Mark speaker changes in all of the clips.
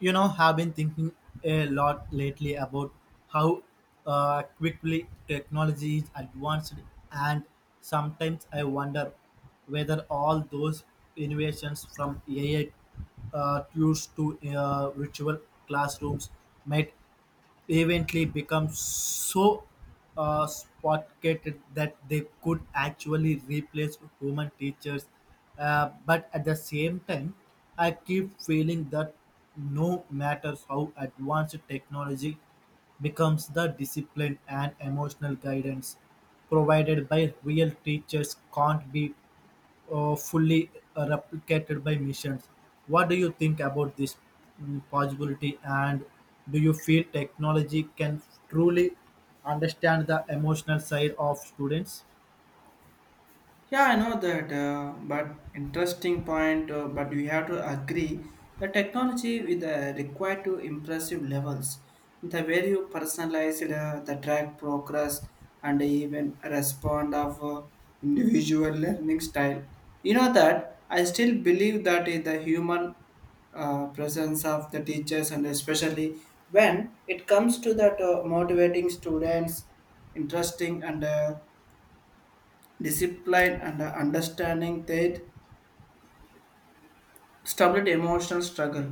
Speaker 1: You know, have been thinking a lot lately about how quickly technology is advanced, and sometimes I wonder whether all those innovations from AI tools to virtual classrooms might eventually become so sophisticated that they could actually replace human teachers. But at the same time, I keep feeling that no matter how advanced technology becomes, the discipline and emotional guidance provided by real teachers can't be fully replicated by machines. What do you think about this possibility? And do you feel technology can truly understand the emotional side of students?
Speaker 2: Yeah, I know that, but interesting point. But we have to agree the technology with the required to impressive levels. The way you personalize it, the track progress and even respond of individual learning style. You know that I still believe that is the human presence of the teachers and especially when it comes to that motivating students interesting and discipline and understanding that stability emotional struggle,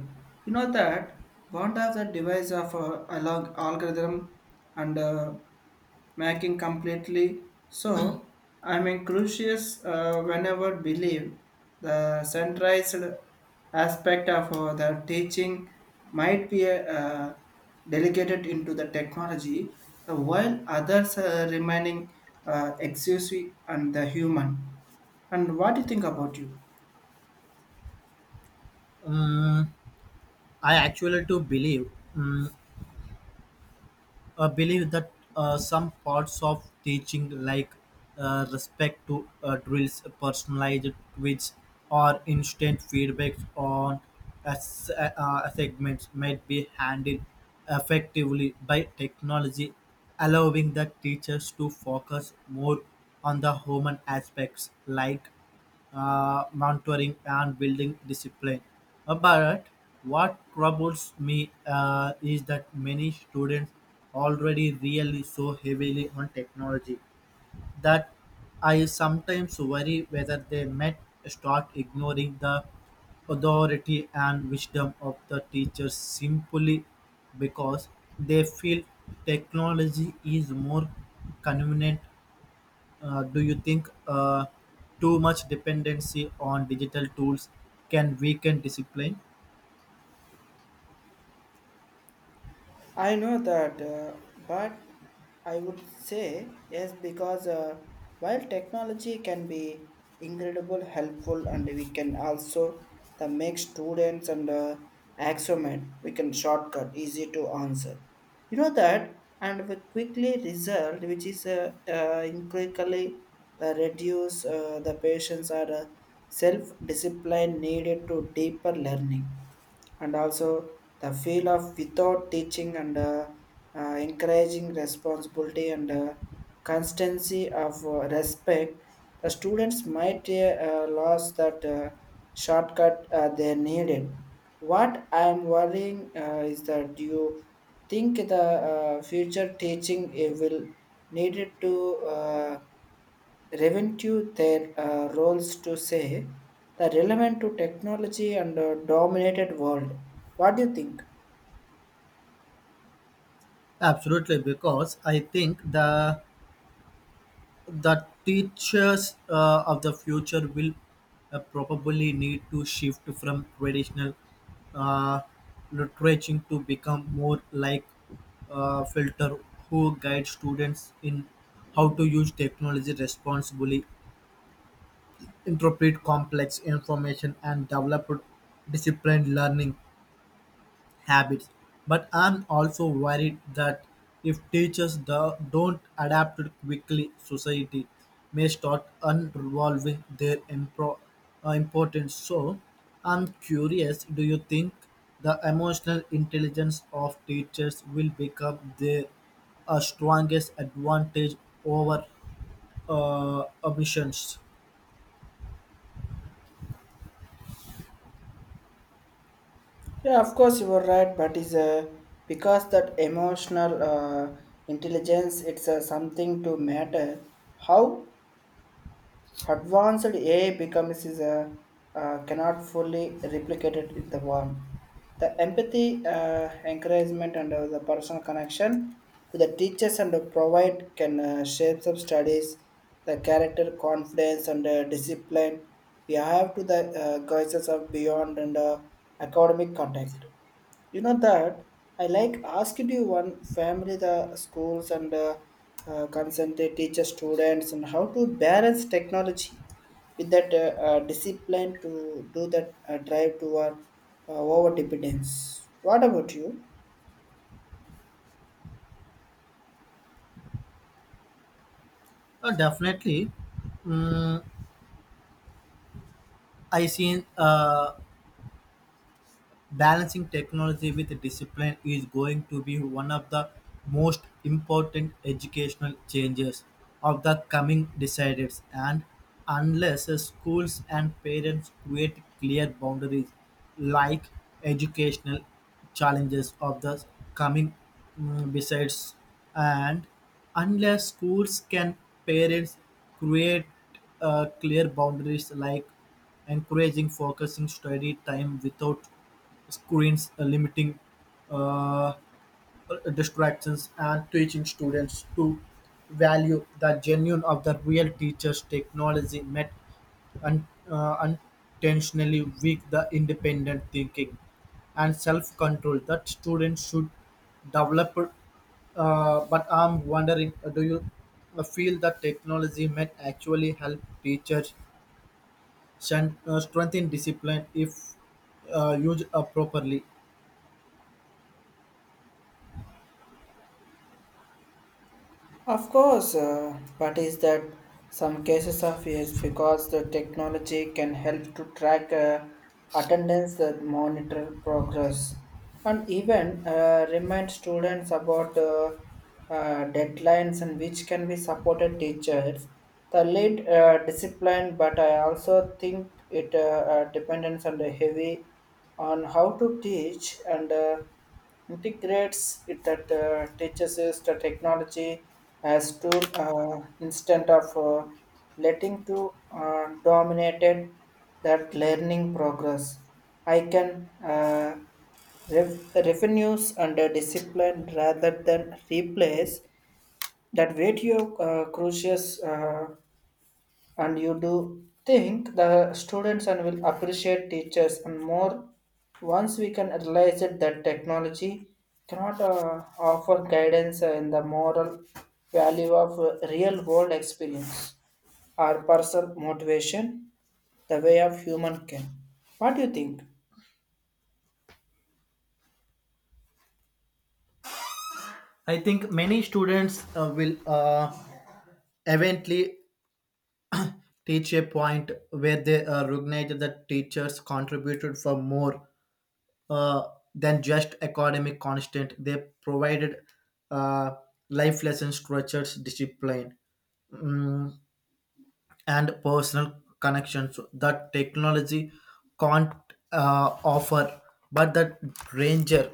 Speaker 2: you know that bond of the device of algorithm and making completely. So I mean crucius, whenever believe the centralized aspect of the teaching might be delegated into the technology, the while others are remaining exclusive and the human. And what do you think about you?
Speaker 1: Um, I actually do believe that some parts of teaching, like respect to drills, personalized tweets, or instant feedback on segments, might be handled effectively by technology, allowing the teachers to focus more on the human aspects like mentoring and building discipline. But what troubles me is that many students already really so heavily on technology that I sometimes worry whether they might start ignoring the authority and wisdom of the teachers simply because they feel technology is more convenient. Do you think too much dependency on digital tools can weaken discipline?
Speaker 2: I know that, but I would say yes because while technology can be incredible helpful and we can also the make students and axiomat we can shortcut easy to answer. You know that and we quickly result, which is incredibly the reduce the patients are self discipline needed to deeper learning, and also the feel of without teaching and encouraging responsibility and constancy of respect. The students might lose that shortcut they needed. What I am worrying is that, do you think the future teaching will needed to uh, review their roles to say the relevant to technology and dominated world? What do you think?
Speaker 1: Absolutely, because I think the teachers of the future will probably need to shift from traditional uh, literature to become more like filter who guide students in how to use technology responsibly, interpret complex information and develop disciplined learning habits. But I'm also worried that if teachers don't adapt quickly, society may start unraveling their importance. So I'm curious, do you think the emotional intelligence of teachers will become their strongest advantage over omissions?
Speaker 2: Yeah, of course you were right, but is, because that emotional intelligence, it's something to matter. How advanced AI becomes is, cannot fully replicated in the world. The empathy, encouragement, and the personal connection to the teachers and the provide can shape some studies, the character, confidence, and discipline we have to the guises of beyond and academic contact. You know that I like asked you one family, the schools and consented teacher students and how to balance technology with that discipline to do that drive toward over dependence. What about you?
Speaker 1: Definitely. Mm, I seen, balancing technology with discipline is going to be one of the most important educational changes of the coming decades. And unless schools and parents create clear boundaries like educational challenges of the coming besides, and unless schools can parents create clear boundaries like encouraging focusing study time without screens, limiting uh, distractions, and teaching students to value the genuine of the real teachers. Technology met un- uh, unintentionally weak the independent thinking and self-control that students should develop. But I'm wondering, do you feel that technology might actually help teachers strengthen discipline if used properly?
Speaker 2: Of course, but is that some cases of yes, because the technology can help to track attendance, monitor progress, and even remind students about deadlines, and which can be supported teachers. The lead discipline, but I also think it depends on the heavy on how to teach and integrates it, that teaches us the technology as tool instead of letting to dominated that learning progress. I can revenues under discipline rather than replace that video, crucius. And you do think the students and will appreciate teachers and more once we can realize it that technology cannot offer guidance in the moral value of real world experience or personal motivation the way of human can? What do you think?
Speaker 1: I think many students will eventually teach a point where they recognize that teachers contributed for more uh, than just academic constant. They provided uh, life lessons, structures, discipline, mm, and personal connections that technology can't offer. But the danger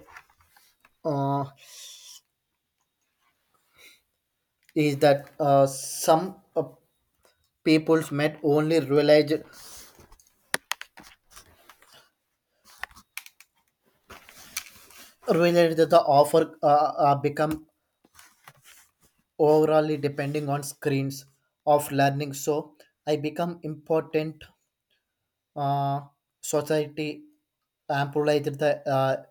Speaker 1: uh, is that some peoples met only realize that the offer become overly depending on screens of learning. So I become important, uh, society amplified the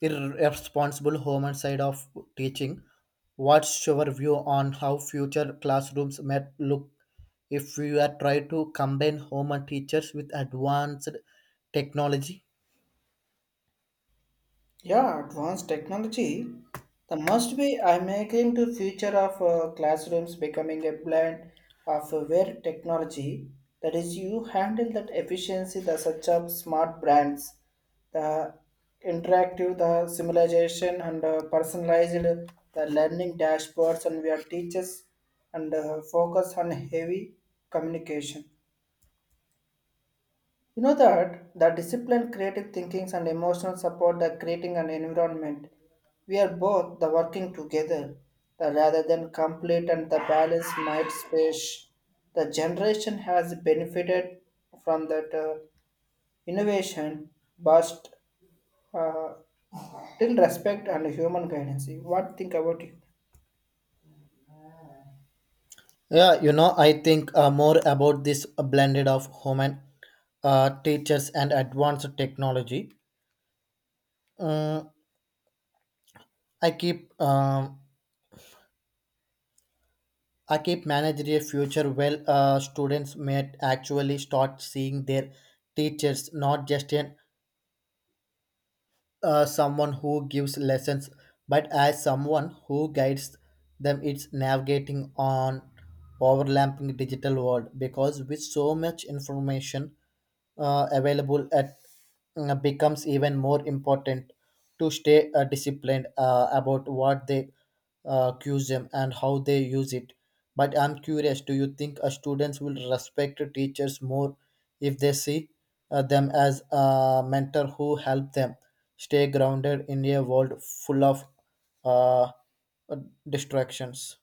Speaker 1: irresponsible human side of teaching. What's your view on how future classrooms might look if we are trying to combine human teachers with advanced technology?
Speaker 2: Yeah, advanced technology. The must be I'm making to future of classrooms becoming a blend of where technology that is you handle that efficiency, the such of smart brands, the interactive the simulation and personalized the learning dashboards, and where teachers and focus on heavy communication. You know that the discipline, creative thinkings, and emotional support, that creating an environment. We are both the working together, the rather than complete and the balance might space. The generation has benefited from that innovation, but uh, till respect and human guidance. What think about you?
Speaker 1: Yeah, you know, I think more about this blended of human teachers and advanced technology. Um, I keep um, I keep managing a future where students may actually start seeing their teachers not just an someone who gives lessons, but as someone who guides them. It's navigating on overlapping digital world because with so much information available at becomes even more important to stay disciplined about what they QSM and how they use it. But I'm curious, do you think students will respect teachers more if they see them as a mentor who help them stay grounded in a world full of uh, distractions?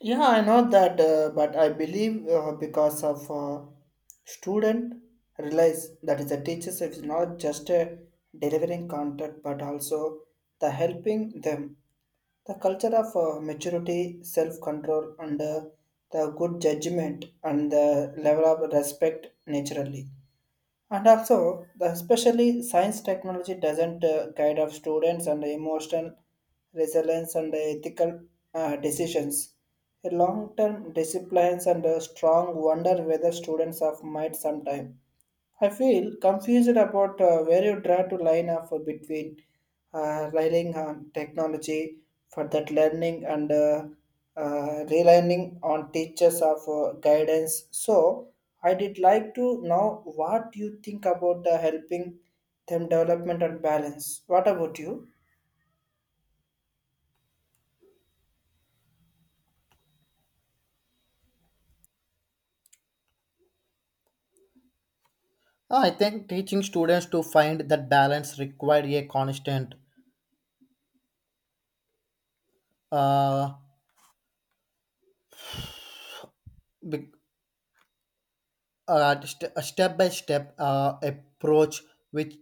Speaker 2: Yeah, I know that, but I believe because of student realize that is the teachers is not just delivering content, but also the helping them. The culture of maturity, self-control, and the good judgment and the level of respect naturally. And also, the especially science technology doesn't guide our students and emotional resilience and the ethical decisions. A long-term disciplines and a strong wonder whether students of might sometime. I feel confused about where you draw to line up for between relying on technology for that learning and relying on teachers of guidance. So I did like to know what you think about the helping them development and balance. What about you?
Speaker 1: I think teaching students to find that balance require a constant uh, be- a step-by-step approach which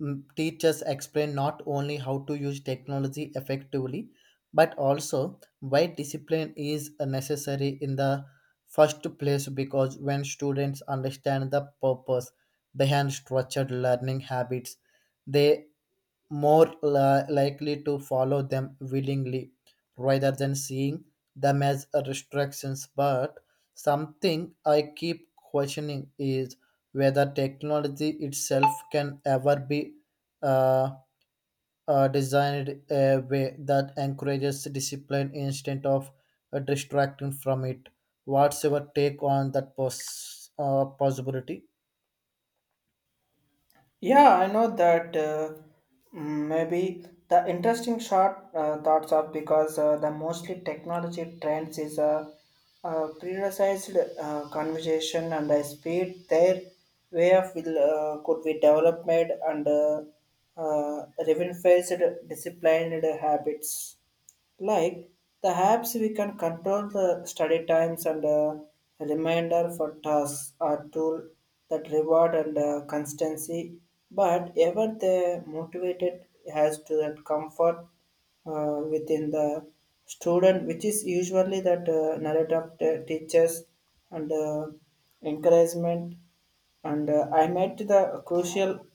Speaker 1: teachers explain not only how to use technology effectively but also why discipline is necessary in the first place, because when students understand the purpose behind structured learning habits, they more likely to follow them willingly rather than seeing them as restrictions. But something I keep questioning is whether technology itself can ever be uh, designed a way that encourages discipline instead of distracting from it. What's your take on that possibility?
Speaker 2: Yeah, I know that, maybe the interesting short thoughts of because the mostly technology trends is a, prioritized conversation and the speed their way of will, could be developed and revenue-faced disciplined habits. Like the apps, we can control the study times and, a reminder for tasks or tool that reward and constancy. But ever the motivated has to that comfort within the student, which is usually that narrative teachers and encouragement. And I met the crucial.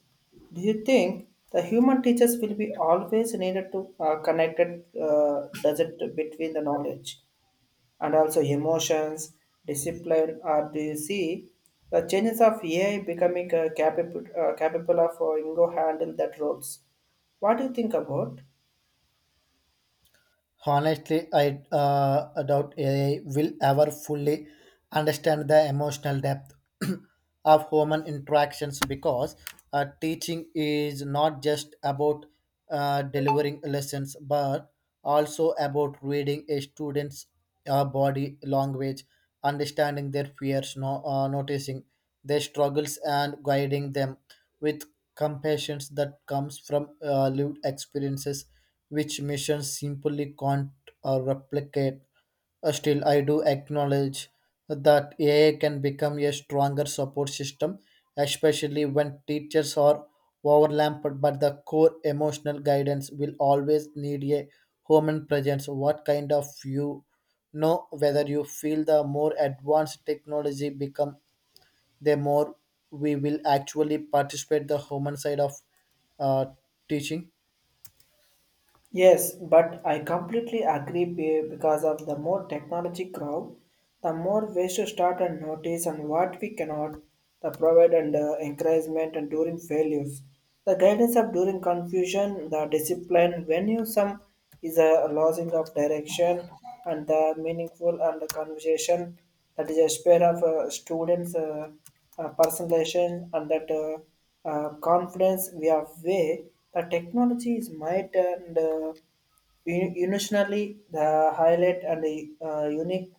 Speaker 2: Do you think the human teachers will be always needed to connected? Does it between the knowledge and also emotions, discipline? Or do you see the changes of AI becoming capable capable of Ingo handle that roles? What do you think about?
Speaker 1: Honestly, I doubt AI will ever fully understand the emotional depth of human interactions, because teaching is not just about delivering lessons but also about reading a student's body language, understanding their fears, no, noticing their struggles, and guiding them with compassion that comes from lived experiences which missions simply can't replicate. Still, I do acknowledge that AI can become a stronger support system, especially when teachers are overlapped, but the core emotional guidance will always need a human presence. What kind of you know whether you feel the more advanced technology become, the more we will actually participate the human side of uh, teaching.
Speaker 2: Yes, but I completely agree, because of the more technology grow, the more ways to start and notice and what we cannot, the provide and encouragement and during failures, the guidance of during confusion, the discipline when you some is a losing of direction, and the meaningful and the conversation that is a spare of students. Personalization and that confidence, we are way the technology is might and initially the highlight and the unique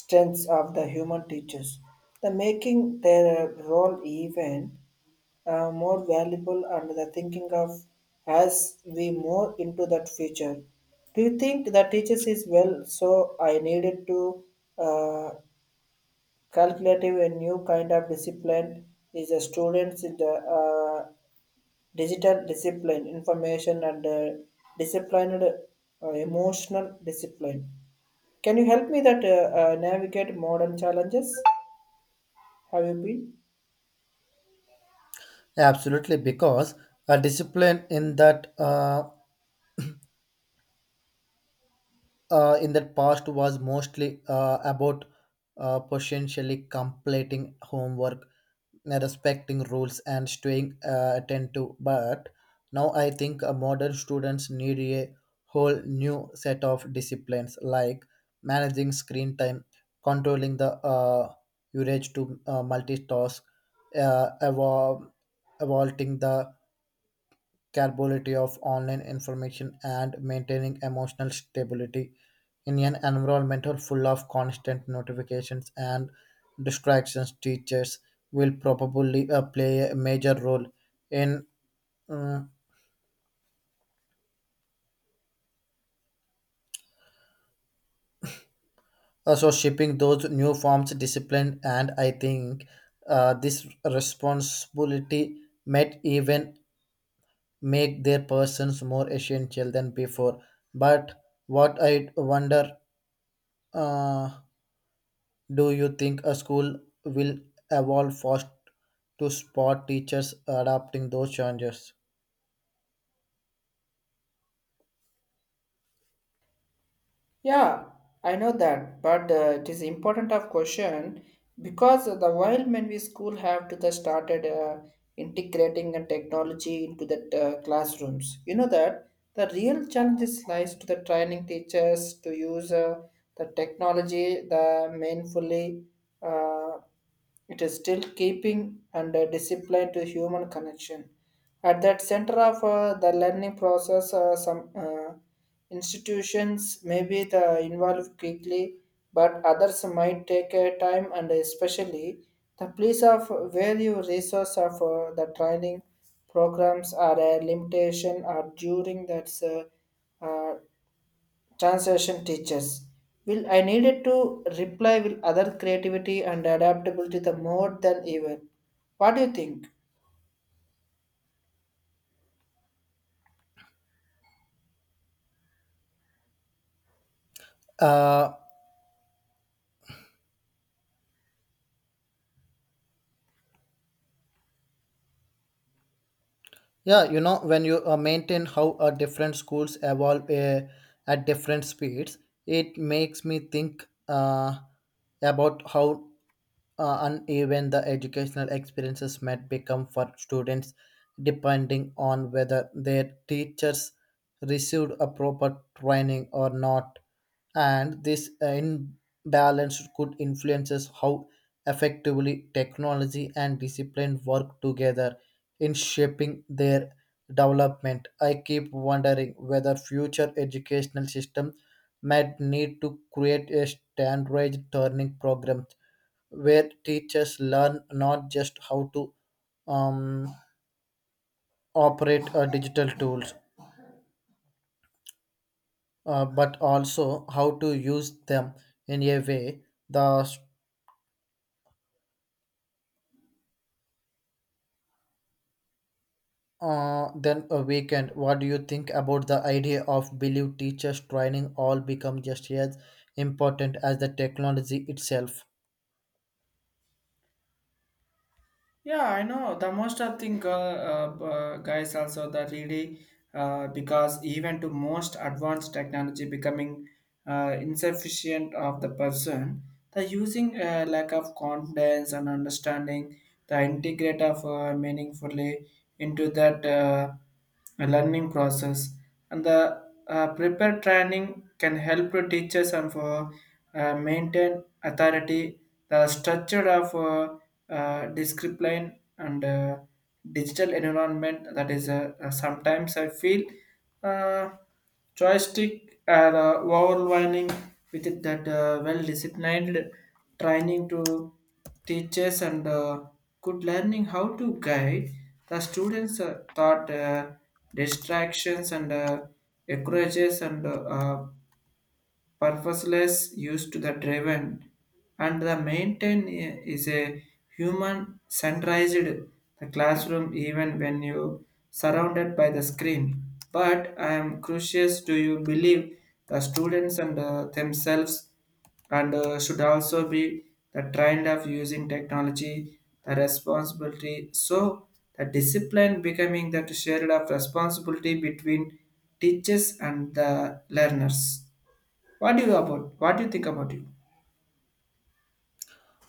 Speaker 2: strengths of the human teachers, the making their role even more valuable and the thinking of, as we more into that future, do you think the teachers is well, so I needed to uh, calculative a new kind of discipline, is a students in the uh, digital discipline, information and disciplined emotional discipline. Can you help me that navigate modern challenges? Have you been?
Speaker 1: Absolutely, because a discipline in that past was mostly about potentially completing homework, respecting rules, and staying attentive. But now I think modern students need a whole new set of disciplines like managing screen time, controlling the urge to multitask, uh, evolve, evolving the capability of online information and maintaining emotional stability in an environment full of constant notifications and distractions. Teachers will probably play a major role in um, also shaping those new forms of discipline. And I think this responsibility might even make their persons more essential than before. But what I wonder, uh, do you think a school will evolve fast to spot teachers adapting those changes?
Speaker 2: Yeah, I know that, but it is important of question, because the while when we school have to the started integrating and technology into the classrooms. You know that the real challenges lies to the training teachers to use the technology the meaningfully. Uh, it is still keeping and discipline to human connection. At that center of the learning process, some institutions may be the involved quickly, but others might take time, and especially the place of where you resource of the training programs are a limitation or during that translation teachers. Will I needed to reply with other creativity and adaptability the more than ever. What do you think?
Speaker 1: Uh, Yeah, you know, when you maintain how different schools evolve at different speeds, it makes me think about how uneven the educational experiences might become for students depending on whether their teachers received a proper training or not. And this imbalance could influences how effectively technology and discipline work together in shaping their development. I keep wondering whether future educational systems might need to create a standardized learning program where teachers learn not just how to um, operate digital tools, but also how to use them in a way the then a weekend. What do you think about the idea of believe teachers training all become just as important as the technology itself?
Speaker 2: Yeah, I know. The most I think guys also the really because even to most advanced technology becoming insufficient of the person, the using lack of confidence and understanding the integrate of meaningfully into that learning process. And the prepared training can help the teachers and for maintain authority, the structure of descript line and digital environment, that is sometimes I feel uh, joystick are overwhelming with it that well disciplined training to teachers and good learning how to guide the students thought distractions and encourages and uh, purposeless used to the driven and the maintain is a human centralized the classroom even when you surrounded by the screen. But I am curious, do you believe the students and themselves and should also be the trend of using technology the responsibility, so the discipline becoming that shared of responsibility between teachers and the learners? What do you about? What do you think about it?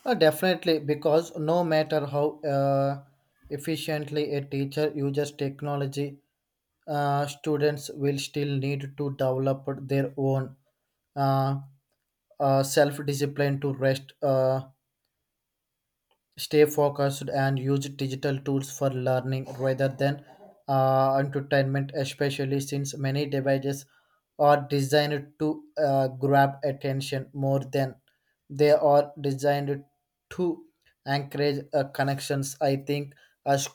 Speaker 1: Definitely, because no matter how efficiently a teacher uses technology, students will still need to develop their own uh, self-discipline to rest, stay focused and use digital tools for learning rather than entertainment, especially since many devices are designed to grab attention more than they are designed to encourage connections. I think a s-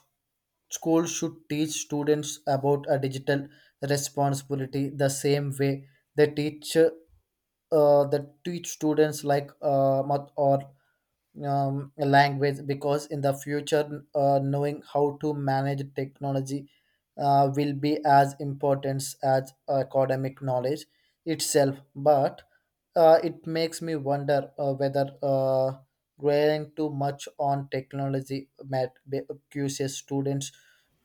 Speaker 1: school should teach students about a digital responsibility the same way they teach the teach students like math or language, because in the future knowing how to manage technology will be as important as academic knowledge itself. But it makes me wonder whether relying too much on technology might be causes students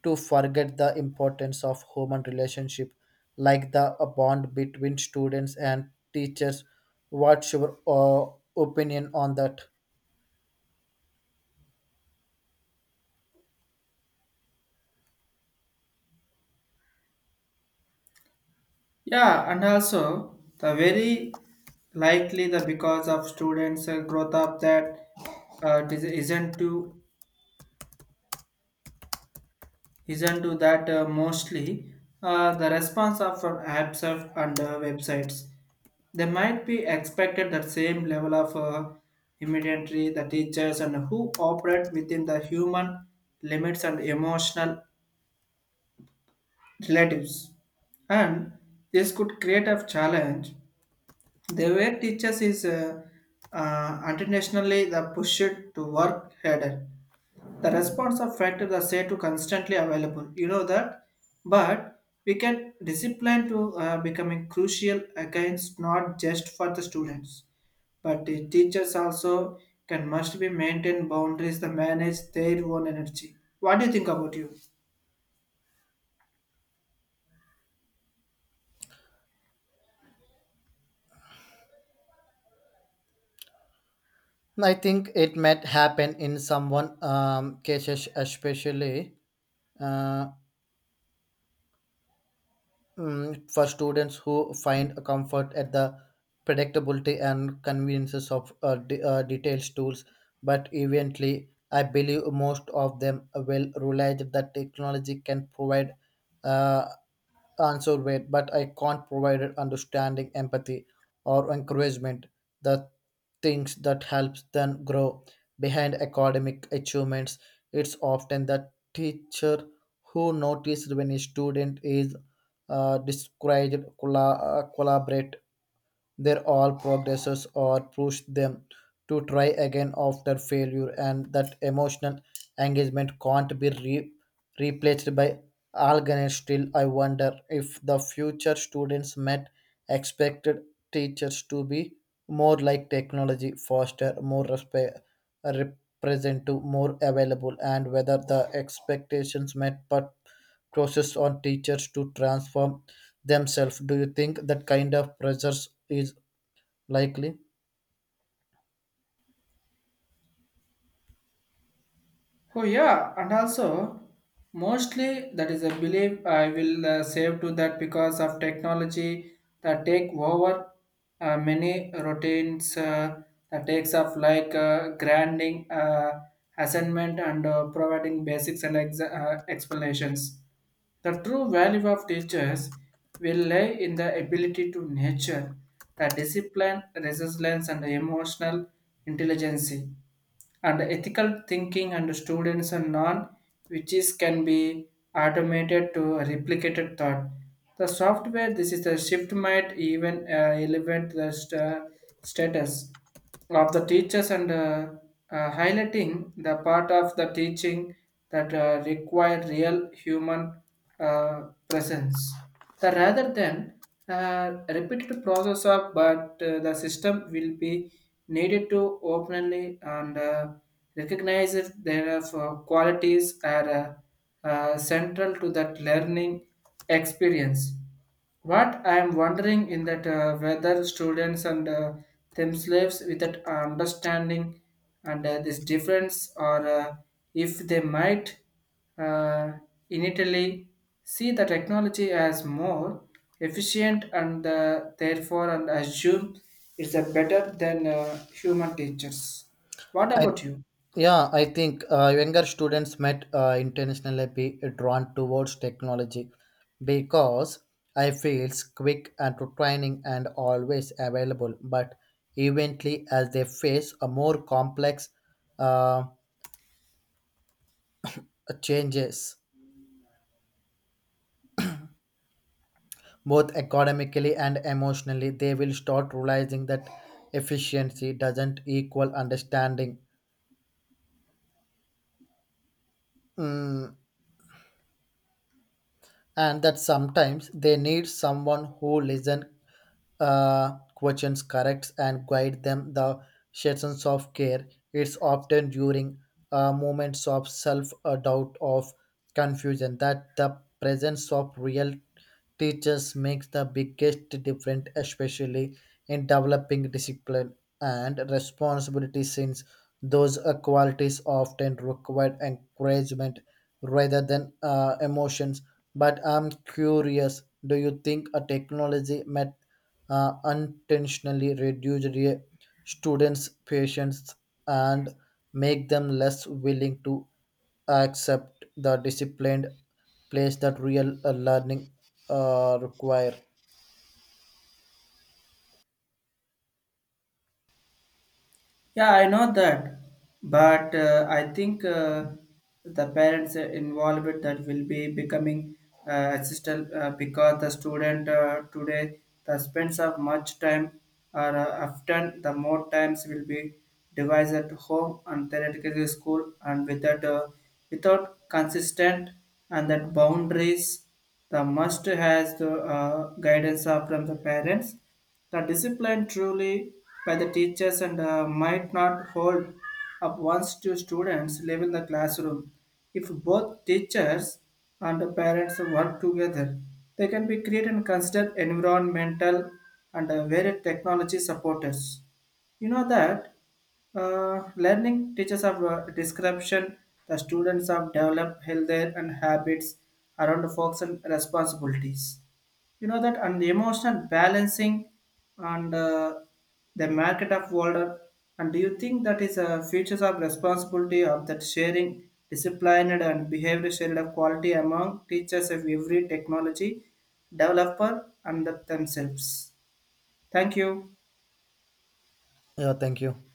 Speaker 1: to forget the importance of human relationship like the bond between students and teachers. What's your opinion on that?
Speaker 2: Yeah, and also the very likely, the because of students growth up that, uh, it is- isn't to isn't to that mostly the response of and websites. They might be expected the same level of immediately the teachers and who operate within the human limits and emotional relatives, and this could create a challenge. They were teachers is internationally the pushed to work harder. The response of factor the say to constantly available. You know that, but we can discipline to becoming crucial against not just for the students, but the teachers also can must be maintain boundaries to manage their own energy. What do you think about you?
Speaker 1: I think it might happen in someone cases, especially uh, for students who find a comfort at the predictability and conveniences of detailed tools. But eventually, I believe most of them will realize that technology can provide uh, answer wait, but I can't provide it understanding, empathy, or encouragement, the things that helps them grow. Behind academic achievements, it's often the teacher who noticed when a student is discouraged, collaborate, they're all progresses or push them to try again after failure, and that emotional engagement can't be replaced by algorithm. Still, I wonder if the future students met expected teachers to be more like technology, faster, more representative, more available, and whether the expectations met put process on teachers to transform themselves. Do you think that kind of pressures is likely?
Speaker 2: Oh yeah, and also mostly that is a belief I will save to that, because of technology that take over many routines that takes of, like granting assignment and providing basics and explanations. The true value of teachers will lie in the ability to nurture the discipline, resilience, and emotional intelligence and ethical thinking and students and non, which is can be automated to replicated thought the software. This is the shift might even elevate the status of the teachers and highlighting the part of the teaching that require real human uh, presence, the rather than uh, repeated process of. But the system will be needed to openly and recognizes their qualities are central to that learning experience. What I am wondering in that, whether students and themselves with that understanding and this difference, or if they might uh, initially see the technology as more efficient and therefore and assume it's a better than human teachers. What
Speaker 1: I,
Speaker 2: about you?
Speaker 1: yeah, I think younger students might intentionally be drawn towards technology because I feels quick and to training and always available. But eventually, as they face a more complex uh, changes, both academically and emotionally, they will start realizing that efficiency doesn't equal understanding. Mm, and that sometimes they need someone who listen questions corrects and guide them the sessions of care. It's often during moments of self doubt of confusion that the presence of real teachers makes the biggest difference, especially in developing discipline and responsibility, since those qualities often require encouragement rather than emotion. But I'm curious, do you think a technology might unintentionally reduce students' patience and make them less willing to accept the disciplined place that real learning require?
Speaker 2: Yeah, I know that, but I think the parents involved that will be becoming assistant, because the student today the spends of much time, or often the more times will be devised at home and theoretical school, and without without consistent and that boundaries the must has the guidance of from the parents, the discipline truly by the teachers and might not hold up once two students live in the classroom. If both teachers and the parents work together, they can be create and consider environmental and varied technology supporters. You know that learning teaches of description, the students have developed healthier and habits around the focus and responsibilities, you know that, and the emotional balancing and the market of order. And do you think that is a features of responsibility of that sharing disciplined and behavior shared of quality among teachers of every technology developer and that themselves? Thank you.
Speaker 1: Yeah, thank you.